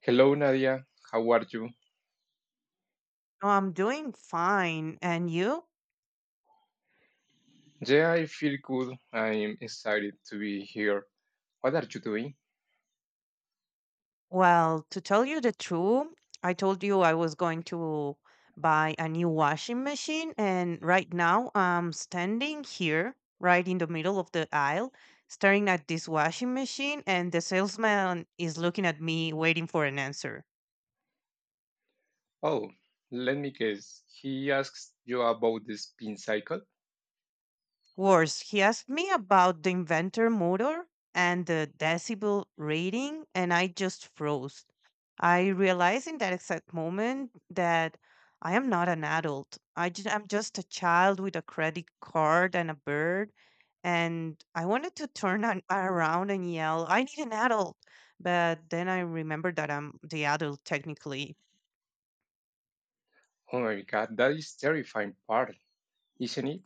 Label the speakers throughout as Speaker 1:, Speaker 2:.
Speaker 1: Hello, Nadia. How are you?
Speaker 2: Oh, I'm doing fine. And you?
Speaker 1: Yeah, I feel good. I'm excited to be here. What are you doing?
Speaker 2: Well, to tell you the truth, I told you I was going to buy a new washing machine. And right now, I'm standing here, right in the middle of the aisle, staring at this washing machine. And the salesman is looking at me, waiting for an answer.
Speaker 1: Oh, let me guess. He asks you about the spin cycle?
Speaker 2: Worse, he asked me about the inventor motor and the decibel rating, and I just froze. I realized in that exact moment that I am not an adult. I'm just a child with a credit card and a bird. And I wanted to around and yell, I need an adult. But then I remembered that I'm the adult technically.
Speaker 1: Oh my god, that is terrifying part, isn't it?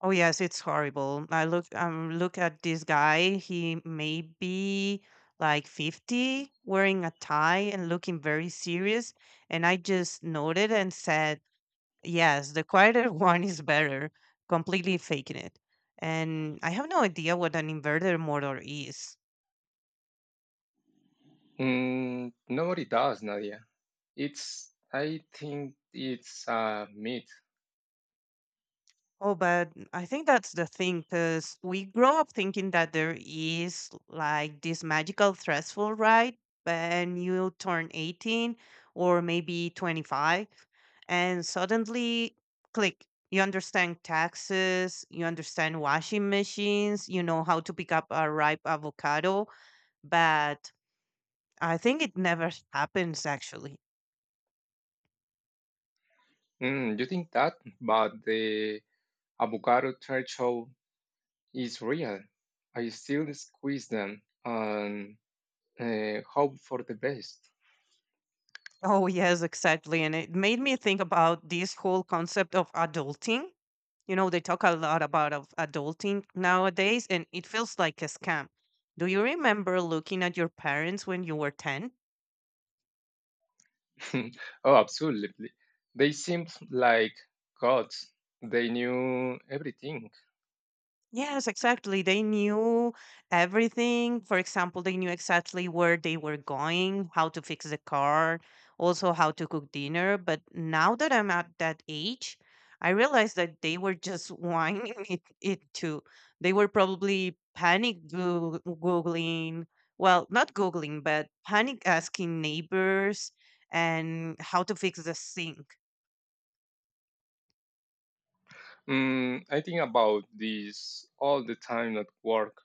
Speaker 2: Oh yes, it's horrible. I look at this guy. He may be like 50, wearing a tie and looking very serious. And I just noted and said, yes, the quieter one is better, completely faking it. And I have no idea what an inverter motor is.
Speaker 1: Nobody does, Nadia. It's, I think it's a myth.
Speaker 2: Oh, but I think that's the thing, because we grow up thinking that there is like this magical threshold, right? When you turn 18 or maybe 25, and suddenly click, you understand taxes, you understand washing machines, you know how to pick up a ripe avocado. But I think it never happens actually.
Speaker 1: You think that, but the avocado threshold is real. I still squeeze them and hope for the best.
Speaker 2: Oh, yes, exactly. And it made me think about this whole concept of adulting. You know, they talk a lot about of adulting nowadays, and it feels like a scam. Do you remember looking at your parents when you were 10?
Speaker 1: Oh, absolutely. They seemed like gods. They knew everything.
Speaker 2: Yes, exactly. They knew everything. For example, they knew exactly where they were going, how to fix the car, also how to cook dinner. But now that I'm at that age, I realized that they were just whining it too. They were probably Googling, well, not Googling, but panic asking neighbors and how to fix the sink.
Speaker 1: I think about this all the time at work.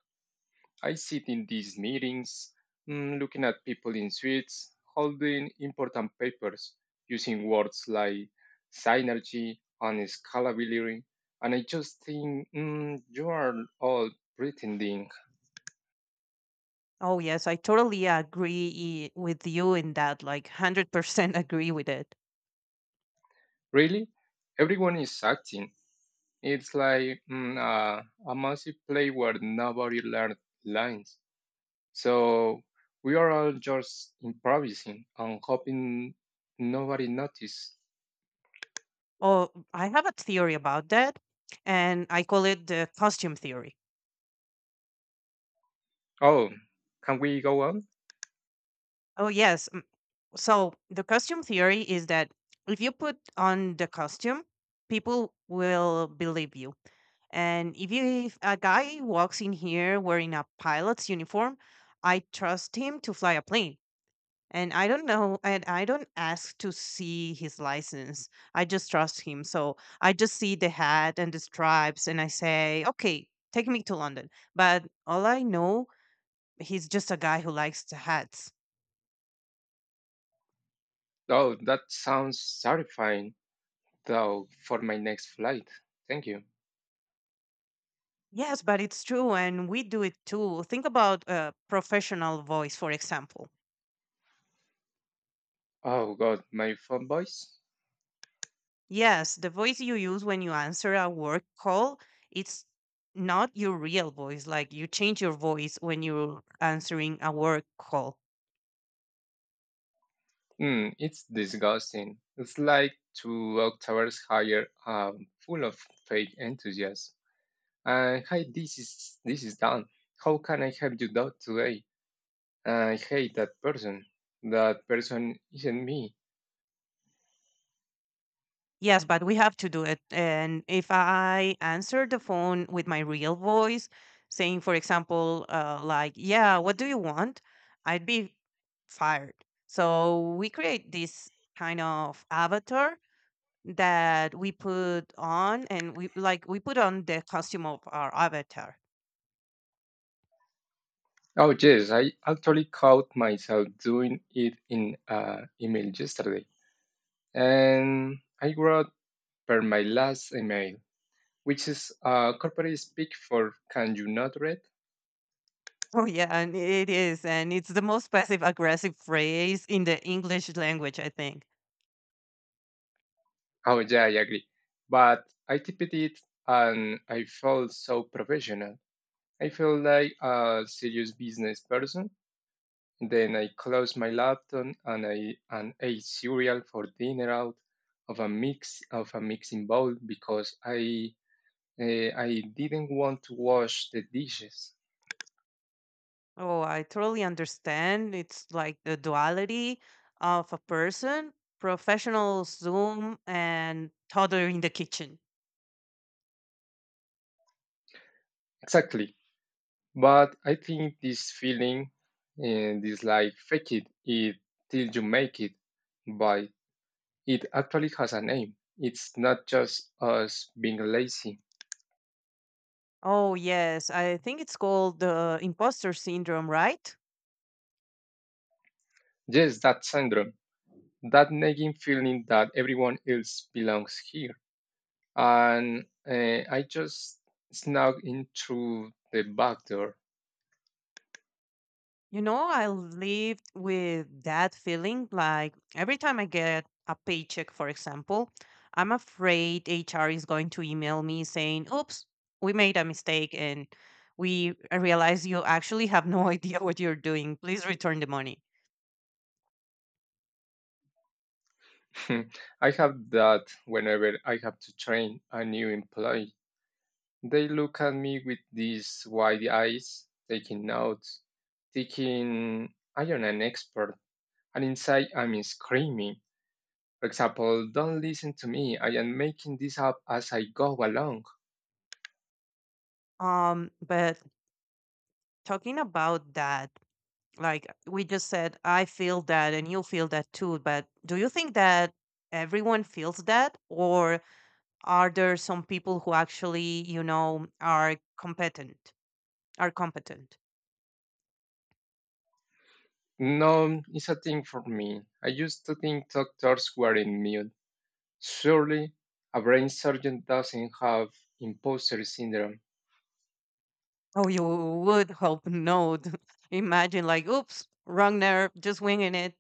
Speaker 1: I sit in these meetings, looking at people in suits, holding important papers, using words like synergy and scalability. And I just think, you are all pretending.
Speaker 2: Oh, yes, I totally agree with you in that, like 100% agree with it.
Speaker 1: Really? Everyone is acting. It's like a massive play where nobody learned lines. So we are all just improvising and hoping nobody noticed.
Speaker 2: Oh, I have a theory about that, and I call it the costume theory.
Speaker 1: Oh, can we go on?
Speaker 2: Oh, yes. So, the costume theory is that if you put on the costume, people will believe you. And if a guy walks in here wearing a pilot's uniform, I trust him to fly a plane. And I don't know, and I don't ask to see his license. I just trust him. So I just see the hat and the stripes, and I say, okay, take me to London. But all I know, he's just a guy who likes the hats.
Speaker 1: Oh, that sounds terrifying, though, for my next flight. Thank you.
Speaker 2: Yes, but it's true, and we do it too. Think about a professional voice, for example.
Speaker 1: Oh, God, my phone voice?
Speaker 2: Yes, the voice you use when you answer a work call, it's not your real voice. Like you change your voice when you're answering a work call.
Speaker 1: Hmm, it's disgusting. It's like two octaves higher, full of fake enthusiasm. Hi, this is Dan. How can I help you out today? I hate that person. That person isn't me.
Speaker 2: Yes, but we have to do it. And if I answer the phone with my real voice, saying, for example, like, yeah, what do you want? I'd be fired. So we create this kind of avatar that we put on, and we put on the costume of our avatar.
Speaker 1: Oh yes, I actually caught myself doing it in email yesterday, and I wrote per my last email, which is corporate speak for "Can you not read?"
Speaker 2: Oh yeah, and it is, and it's the most passive aggressive phrase in the English language, I think.
Speaker 1: Oh yeah, I agree. But I typed it, and I felt so professional. I felt like a serious business person. Then I closed my laptop and I and ate cereal for dinner out of a mixing bowl because I didn't want to wash the dishes.
Speaker 2: Oh, I totally understand. It's like the duality of a person, professional Zoom and toddler in the kitchen.
Speaker 1: Exactly. But I think this feeling and this like fake it till you make it. But it actually has a name. It's not just us being lazy.
Speaker 2: Oh yes, I think it's called the imposter syndrome, right?
Speaker 1: Yes, that syndrome, that nagging feeling that everyone else belongs here, and I just snuck in through the back door.
Speaker 2: You know, I lived with that feeling like every time I get a paycheck, for example, I'm afraid HR is going to email me saying, oops, we made a mistake and we realize you actually have no idea what you're doing. Please return the money.
Speaker 1: I have that whenever I have to train a new employee. They look at me with these wide eyes, taking notes, thinking I am an expert, and inside I'm screaming. For example, don't listen to me, I am making this up as I go along.
Speaker 2: But talking about that, like we just said, I feel that and you feel that too. But do you think that everyone feels that? Or are there some people who actually you know are competent are competent?
Speaker 1: No, it's a thing for me. I used to think doctors were immune. Surely a brain surgeon doesn't have imposter syndrome.
Speaker 2: Oh, you would hope not. Imagine, like, oops, wrong nerve, just winging it.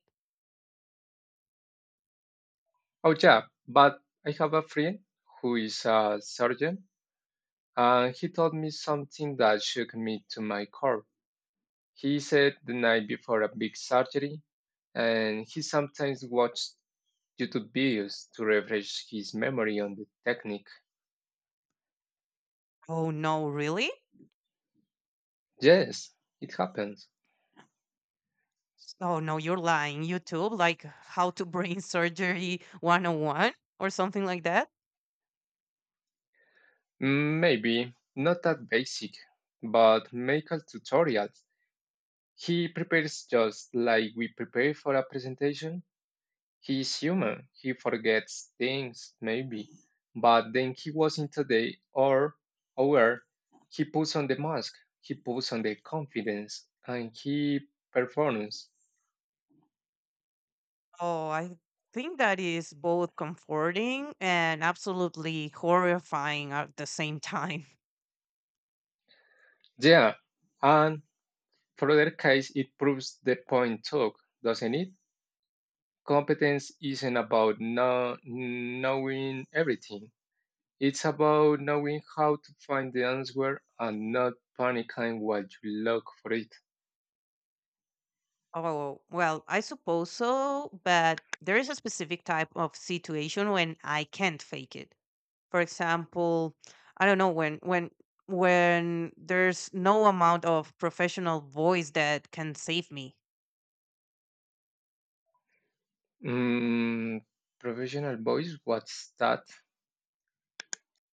Speaker 1: Oh, yeah, but I have a friend who is a surgeon, and he told me something that shook me to my core. He said the night before a big surgery, and he sometimes watched YouTube videos to refresh his memory on the technique.
Speaker 2: Oh no, really?
Speaker 1: Yes, it happens.
Speaker 2: Oh no, you're lying. YouTube, like how to brain surgery 101 or something like that.
Speaker 1: Maybe not that basic, but make a tutorial. He prepares just like we prepare for a presentation. He's human. He forgets things, maybe. But then he wasn't today or aware. He puts on the mask. He puts on the confidence and he performs.
Speaker 2: Oh, I think that is both comforting and absolutely horrifying at the same time.
Speaker 1: Yeah. And for other case, it proves the point took, doesn't it? Competence isn't about no, knowing everything. It's about knowing how to find the answer and not panicking while you look for it.
Speaker 2: Oh, well, I suppose so, but there is a specific type of situation when I can't fake it. For example, I don't know, when there's no amount of professional voice that can save me.
Speaker 1: Mm, Professional voice, what's that?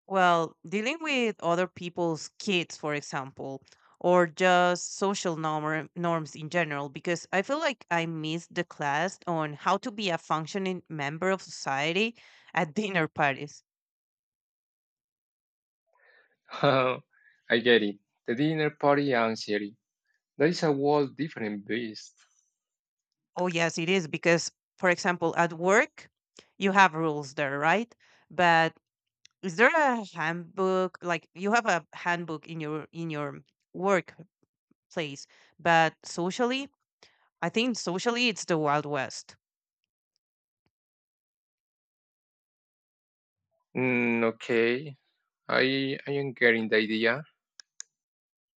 Speaker 2: Well, dealing with other people's kids, for example, or just social norms in general, because I feel like I missed the class on how to be a functioning member of society at dinner parties.
Speaker 1: I get it. The dinner party anxiety. That is a whole different beast.
Speaker 2: Oh, yes, it is because, for example, at work, you have rules there, right? But is there a handbook? Like you have a handbook in your workplace, but socially, I think socially it's the Wild West.
Speaker 1: Okay, I am getting the idea.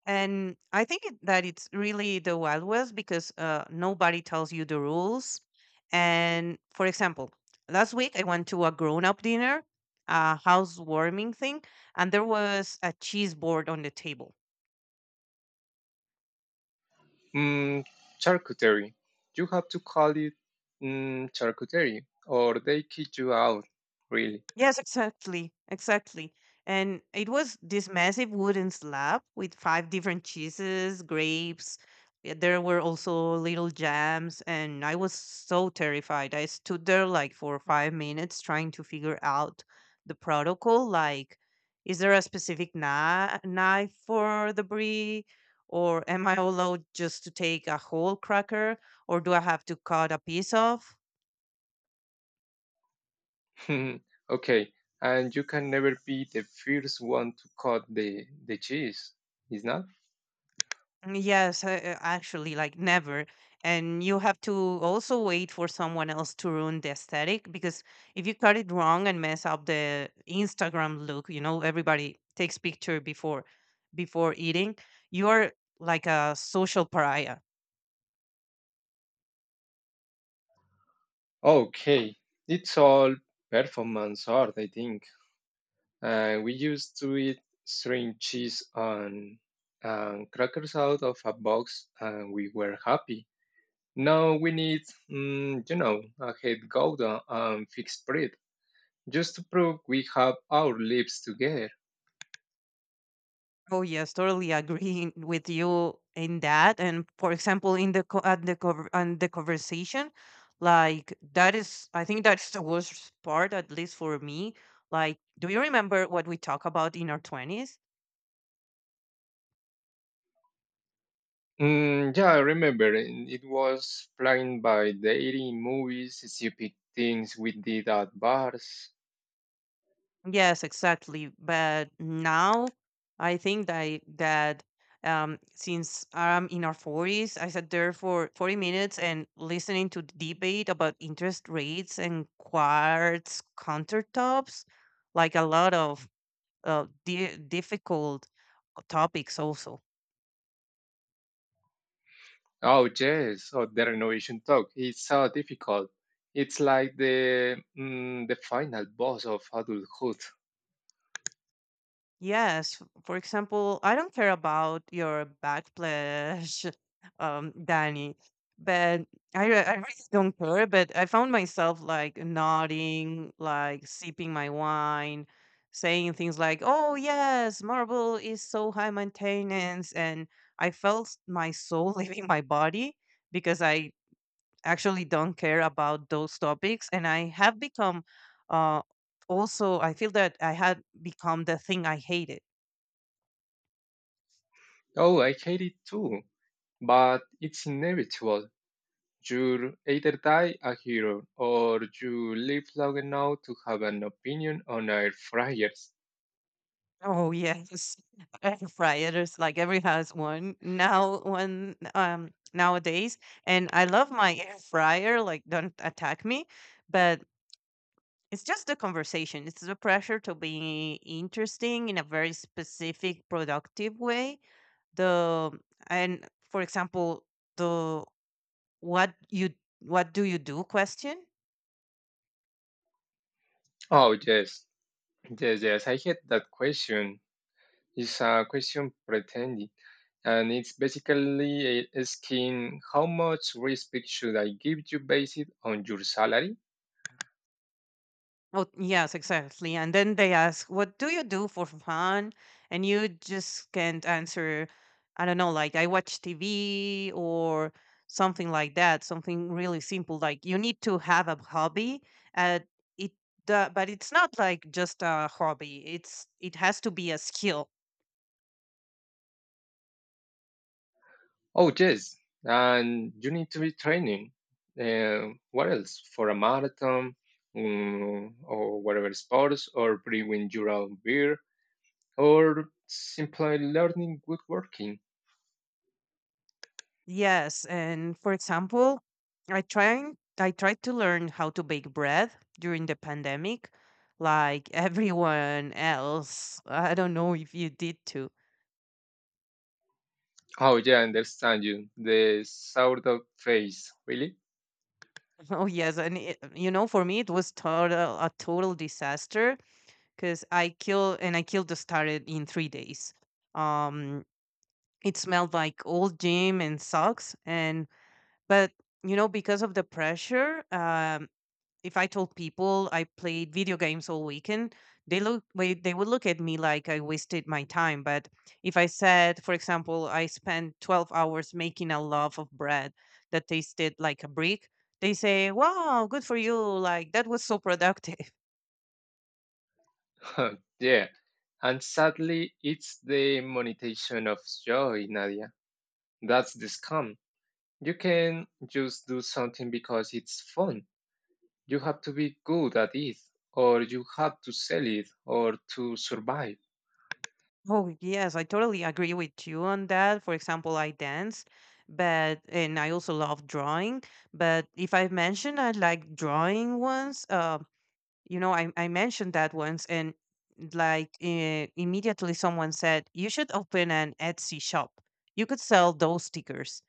Speaker 2: And I think it- that it's really the Wild West because nobody tells you the rules. And for example, last week I went to a grown-up dinner, a housewarming thing, and there was a cheese board on the table.
Speaker 1: Mm, Charcuterie. You have to call it charcuterie, or they kick you out, really.
Speaker 2: Yes, exactly. And it was this massive wooden slab with five different cheeses, grapes. Yeah, there were also little jams, and I was so terrified. I stood there like for 5 minutes trying to figure out the protocol. Like, is there a specific knife for the brie? Or am I allowed just to take a whole cracker? Or do I have to cut a piece off?
Speaker 1: Okay, and you can never be the first one to cut the cheese, is not?
Speaker 2: Mm, yes, actually, like never. And you have to also wait for someone else to ruin the aesthetic because if you cut it wrong and mess up the Instagram look, you know, everybody takes picture before eating, you are like a social pariah.
Speaker 1: Okay, it's all performance art, I think. We used to eat string cheese on crackers out of a box, and we were happy. Now we need, you know, a head gouda and fixed bread, just to prove we have our lives together.
Speaker 2: Oh yes, totally agreeing with you in that. And for example, in the co- at the cover and the conversation, like that is, I think that's the worst part, at least for me. Like, do you remember what we talk about in our twenties?
Speaker 1: Yeah, I remember. And it was planned by dating movies, stupid things we did at bars.
Speaker 2: Yes, exactly. But now I think that since I'm in our 40s, I sat there for 40 minutes and listening to the debate about interest rates and quartz countertops, like a lot of difficult topics also.
Speaker 1: Oh, yes. Oh, the renovation talk. It's so difficult. It's like the the final boss of adulthood.
Speaker 2: Yes, for example, I don't care about your backslash, Danny, but I really don't care. But I found myself like nodding, like sipping my wine, saying things like, "Oh yes, marble is so high maintenance," and I felt my soul leaving my body because I actually don't care about those topics, and I have become, uh, also I feel that I had become the thing I hated.
Speaker 1: Oh, I hate it too. But it's inevitable. You'll either die a hero or you live long enough to have an opinion on air fryers.
Speaker 2: Oh yes, air fryers. Like every has one now. One nowadays, and I love my air fryer. Like don't attack me, but it's just the conversation. It's the pressure to be interesting in a very specific, productive way. The and For example, the what you what do you do question?
Speaker 1: Oh, yes. Yes, yes. I hate that question. It's a question pretending. And it's basically asking how much respect should I give you based on your salary?
Speaker 2: Oh, yes, exactly. And then they ask, "What do you do for fun?" And you just can't answer, I don't know, like I watch TV or something like that, something really simple. Like you need to have a hobby. Uh, it, but it's not like just a hobby. It has to be a skill.
Speaker 1: Oh, yes. And you need to be training. What else? For a marathon, or whatever sports or brewing your own beer or simply learning woodworking.
Speaker 2: Yes, and for example, I tried to learn how to bake bread during the pandemic, like everyone else. I don't know if you did too.
Speaker 1: Oh, yeah, I understand you. The sourdough phase, really?
Speaker 2: Oh yes, and it, you know, for me it was total a total disaster because I killed the started in 3 days. Um, it smelled like old gym and socks, and but you know because of the pressure, if I told people I played video games all weekend, they would look at me like I wasted my time. But if I said, for example, I spent 12 hours making a loaf of bread that tasted like a brick, they say, "Wow, good for you. Like that was so productive."
Speaker 1: Yeah. And sadly, it's the monetization of joy, Nadia. That's the scam. You can just do something because it's fun. You have to be good at it, or you have to sell it, or to survive.
Speaker 2: Oh, yes, I totally agree with you on that. For example, I dance, but and I also love drawing, but if I mentioned I like drawing once, you know I mentioned that once and like immediately someone said you should open an Etsy shop, you could sell those stickers.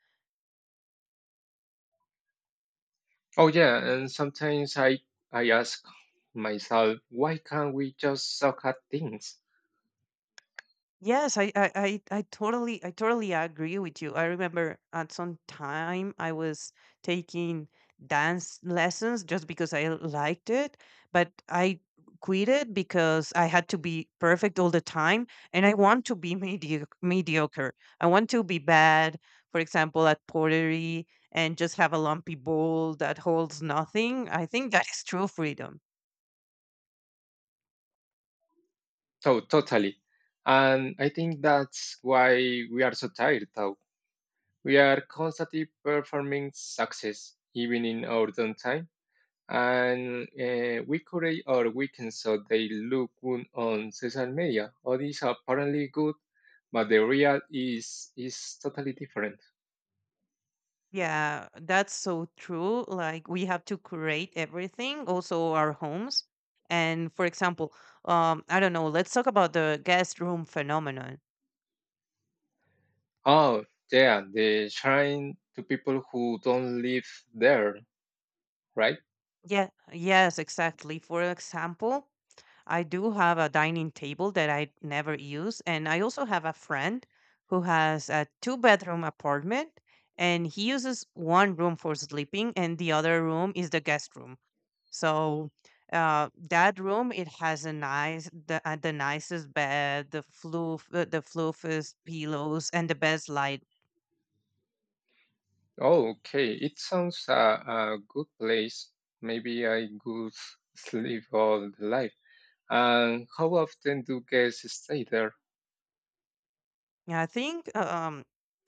Speaker 1: Oh yeah, and sometimes I ask myself, why can't we just suck at things?
Speaker 2: Yes, I totally agree with you. I remember at some time I was taking dance lessons just because I liked it, but I quit it because I had to be perfect all the time, and I want to be mediocre. I want to be bad, for example, at pottery, and just have a lumpy bowl that holds nothing. I think that is true freedom.
Speaker 1: So totally. And I think that's why we are so tired though. We are constantly performing success, even in our downtime, and weekly or weekends so they look good on social media. All these are apparently good, but the real is totally different.
Speaker 2: Yeah, that's so true. Like we have to curate everything, also our homes. And for example, I don't know, let's talk about the guest room phenomenon.
Speaker 1: Oh yeah, they shine to people who don't live there, right?
Speaker 2: Yeah, yes, exactly. For example, I do have a dining table that I never use, and I also have a friend who has a two-bedroom apartment, and he uses one room for sleeping, and the other room is the guest room. So that room it has a nice the nicest bed, the floofiest pillows, and the best light.
Speaker 1: Oh, okay, it sounds a good place. Maybe I could sleep all the life. And how often do guests stay there?
Speaker 2: Yeah, I think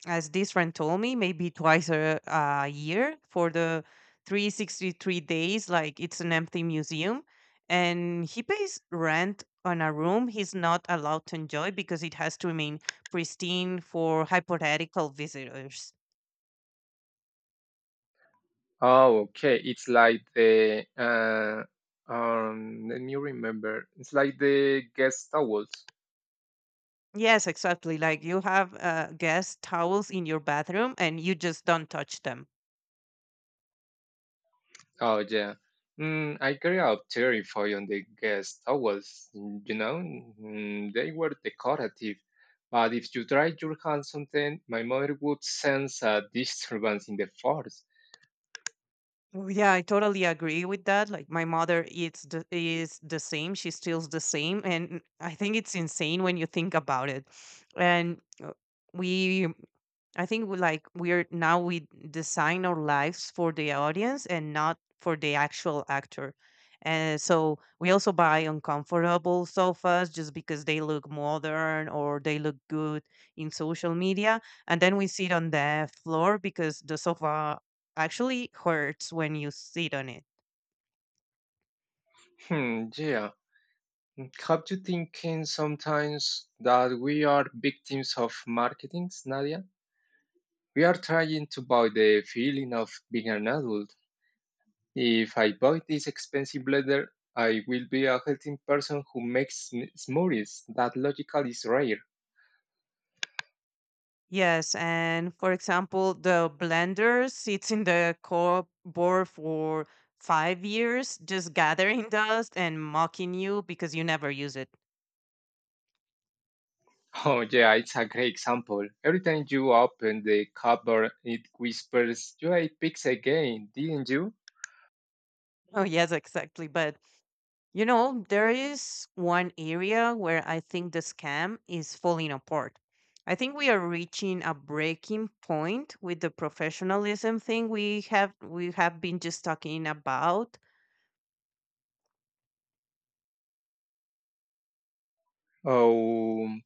Speaker 2: as this friend told me, maybe twice a year for the 363 days, like it's an empty museum. And he pays rent on a room he's not allowed to enjoy because it has to remain pristine for hypothetical visitors.
Speaker 1: Oh, okay. It's like the Let me remember. It's like the guest towels.
Speaker 2: Yes, exactly. Like you have guest towels in your bathroom and you just don't touch them.
Speaker 1: Oh yeah. I carry out terrify on the guest towels. You know, they were decorative, but if you dried your hands on them, my mother would sense a disturbance in the force.
Speaker 2: Oh, yeah, I totally agree with that. Like my mother eats the, is the same. She steals the same, and I think it's insane when you think about it. And we I think we like we're now we design our lives for the audience and not for the actual actor. And so we also buy uncomfortable sofas just because they look modern or they look good in social media. And then we sit on the floor because the sofa actually hurts when you sit on it.
Speaker 1: Hmm. Yeah. Have you thinking sometimes that we are victims of marketing, Nadia? We are trying to buy the feeling of being an adult. If I buy this expensive leather, I will be a healthy person who makes smoothies. That logical is rare.
Speaker 2: Yes, and for example, the blender sits in the cupboard for 5 years, just gathering dust and mocking you because you never use it.
Speaker 1: Oh yeah, it's a great example. Every time you open the cupboard, it whispers, "You ate pigs again, didn't you?"
Speaker 2: Oh, yes, exactly. But you know, there is one area where I think the scam is falling apart. I think we are reaching a breaking point with the professionalism thing we have been just talking about.
Speaker 1: Oh,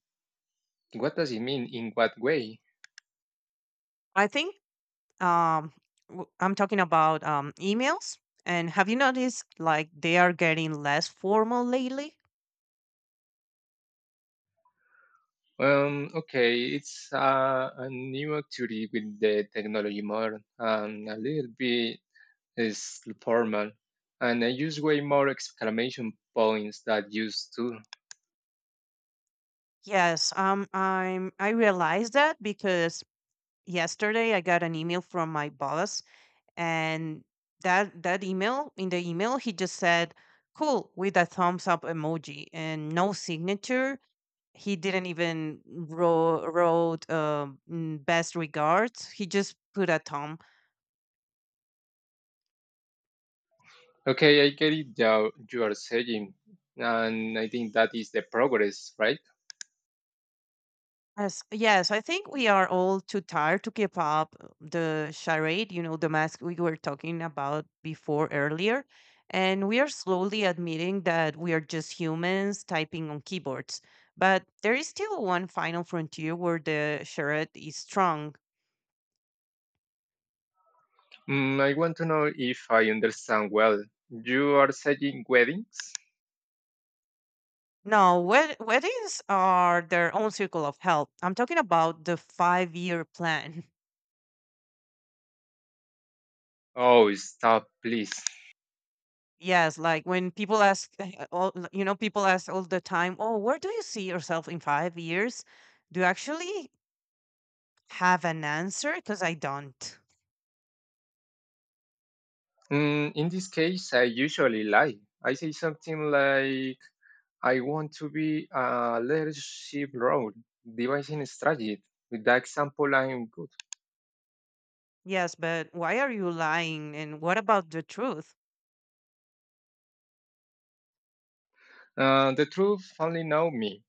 Speaker 1: what does it mean? In what way?
Speaker 2: I think um I'm talking about emails, and have you noticed like they are getting less formal lately?
Speaker 1: Okay, it's a new activity with the technology more, a little bit is formal, and I use way more exclamation points than used to.
Speaker 2: Yes, I realized that because yesterday I got an email from my boss, and that that email in the email he just said cool with a thumbs up emoji and no signature. He didn't even wrote best regards. He just put a thumb.
Speaker 1: Okay, I get it now you are saying, and I think that is the progress, right?
Speaker 2: Yes, yes, I think we are all too tired to keep up the charade, you know, the mask we were talking about before earlier. And we are slowly admitting that we are just humans typing on keyboards. But there is still one final frontier where the charade is strong.
Speaker 1: I want to know if I understand well. You are saying weddings?
Speaker 2: Now, weddings are their own circle of help. I'm talking about the 5 year plan.
Speaker 1: Oh, stop, please.
Speaker 2: Yes, like when people ask, all you know, people ask all the time, "Oh, where do you see yourself in 5 years?" Do you actually have an answer? Because I don't.
Speaker 1: In this case, I usually lie. I say something like, I want to be a leadership role, devising a strategy. With that example, I'm—
Speaker 2: Yes, but why are you lying? And what about the truth?
Speaker 1: The truth only know me,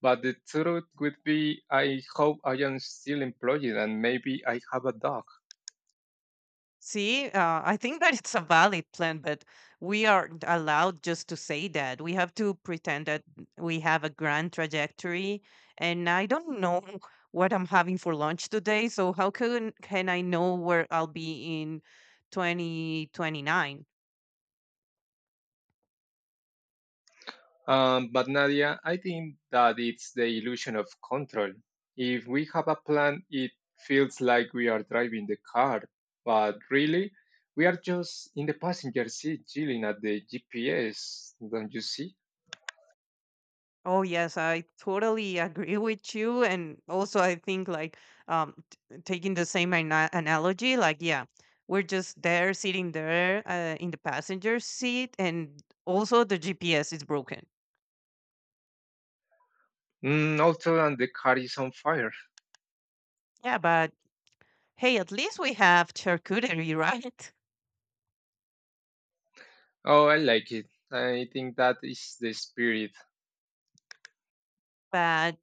Speaker 1: but the truth would be I hope I am still employed and maybe I have a dog.
Speaker 2: See, I think that it's a valid plan, but we aren't allowed just to say that. We have to pretend that we have a grand trajectory. And I don't know what I'm having for lunch today. So, how can I know where I'll be in 2029?
Speaker 1: But Nadia, I think that it's the illusion of control. If we have a plan, it feels like we are driving the car, but really, we are just in the passenger seat chilling at the GPS, don't you see?
Speaker 2: Oh yes, I totally agree with you, and also I think like taking the same analogy, like yeah, we're just there sitting there in the passenger seat, and also the GPS is broken.
Speaker 1: Also, and the car is on fire.
Speaker 2: Yeah, but hey, at least we have charcuterie, right?
Speaker 1: Oh, I like it. I think that is the spirit.
Speaker 2: But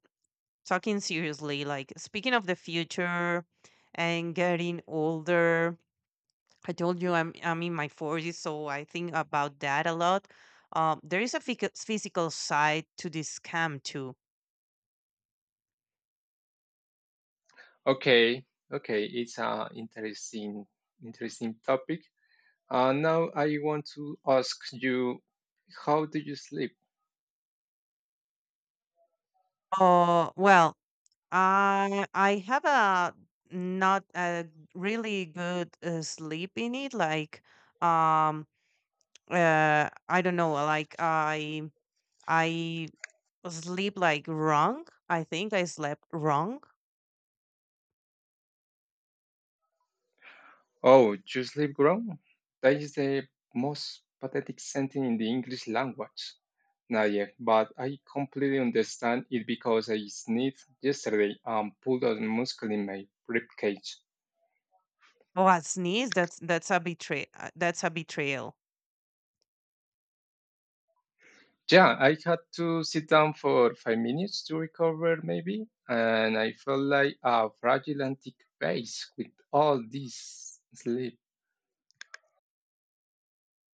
Speaker 2: talking seriously, like speaking of the future and getting older, I told you I'm in my forties, so I think about that a lot. There is a physical side to this scam too.
Speaker 1: Okay, okay, it's an interesting topic. Now I want to ask you, how do you sleep?
Speaker 2: Well, I have a not a really good sleep in it. Like, um, I don't know. Like, I sleep like wrong. I think I slept wrong.
Speaker 1: Oh, you sleep wrong? That is the most pathetic sentence in the English language, Nadia, but I completely understand it because I sneezed yesterday and pulled a muscle in my ribcage.
Speaker 2: Oh, I sneeze. That's a betray. That's a betrayal.
Speaker 1: Yeah, I had to sit down for 5 minutes to recover, maybe, and I felt like a fragile antique vase with all this sleep.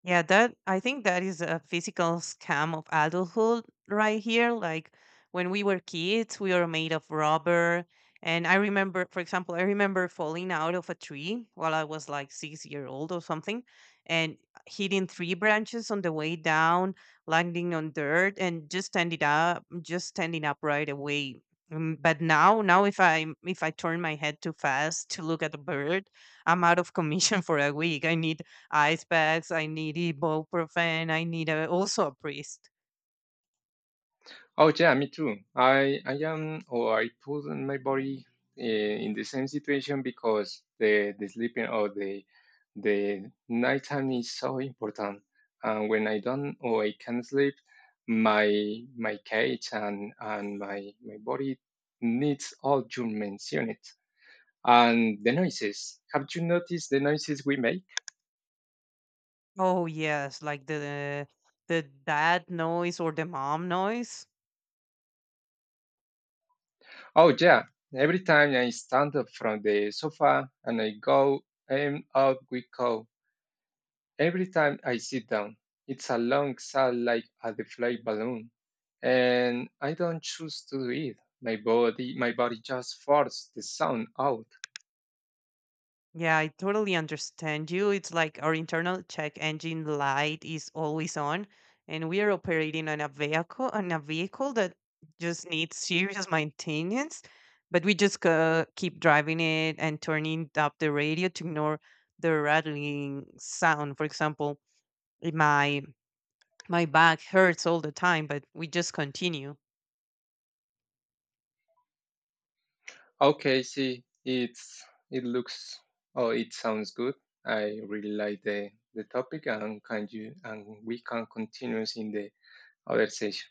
Speaker 2: Yeah, that I think that is a physical scam of adulthood right here. Like when we were kids, we were made of rubber. And I remember, for example, I remember falling out of a tree while I was like 6 year old or something, and hitting three branches on the way down, landing on dirt, and just standing up right away. Mm, but now, now if I turn my head too fast to look at a bird, I'm out of commission for a week. I need ice packs, I need ibuprofen, I need a, also a priest.
Speaker 1: Oh yeah, me too. I am or I put my body in the same situation because the sleeping or the nighttime is so important. And when I don't or I can't sleep, my cage and my body needs all your mentioned. And the noises. Have you noticed the noises we make?
Speaker 2: Oh yes, like the dad noise or the mom noise.
Speaker 1: Oh, yeah. Every time I stand up from the sofa and I go, and out we go. Every time I sit down, it's a long sound like a deflated balloon. And I don't choose to do it. My body just forces the sound out.
Speaker 2: Yeah, I totally understand you. It's like our internal check engine light is always on, and we are operating on a vehicle that just needs serious maintenance. But we just keep driving it and turning up the radio to ignore the rattling sound. For example, in my my back hurts all the time, but we just continue.
Speaker 1: Okay, see, it's, it looks, oh, it sounds good. I really like the topic and can you, and we can continue in the other session.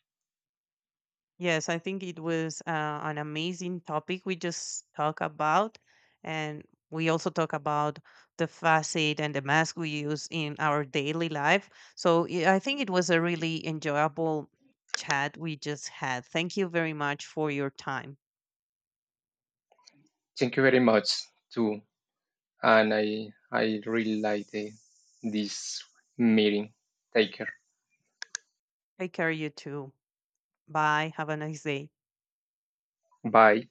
Speaker 2: Yes, I think it was an amazing topic we just talk about, and we also talk about the facet and the mask we use in our daily life. So yeah, I think it was a really enjoyable chat we just had. Thank you very much for your time.
Speaker 1: Thank you very much too, and I really like the, this meeting. Take care.
Speaker 2: Take care, you too. Bye. Have a nice day.
Speaker 1: Bye.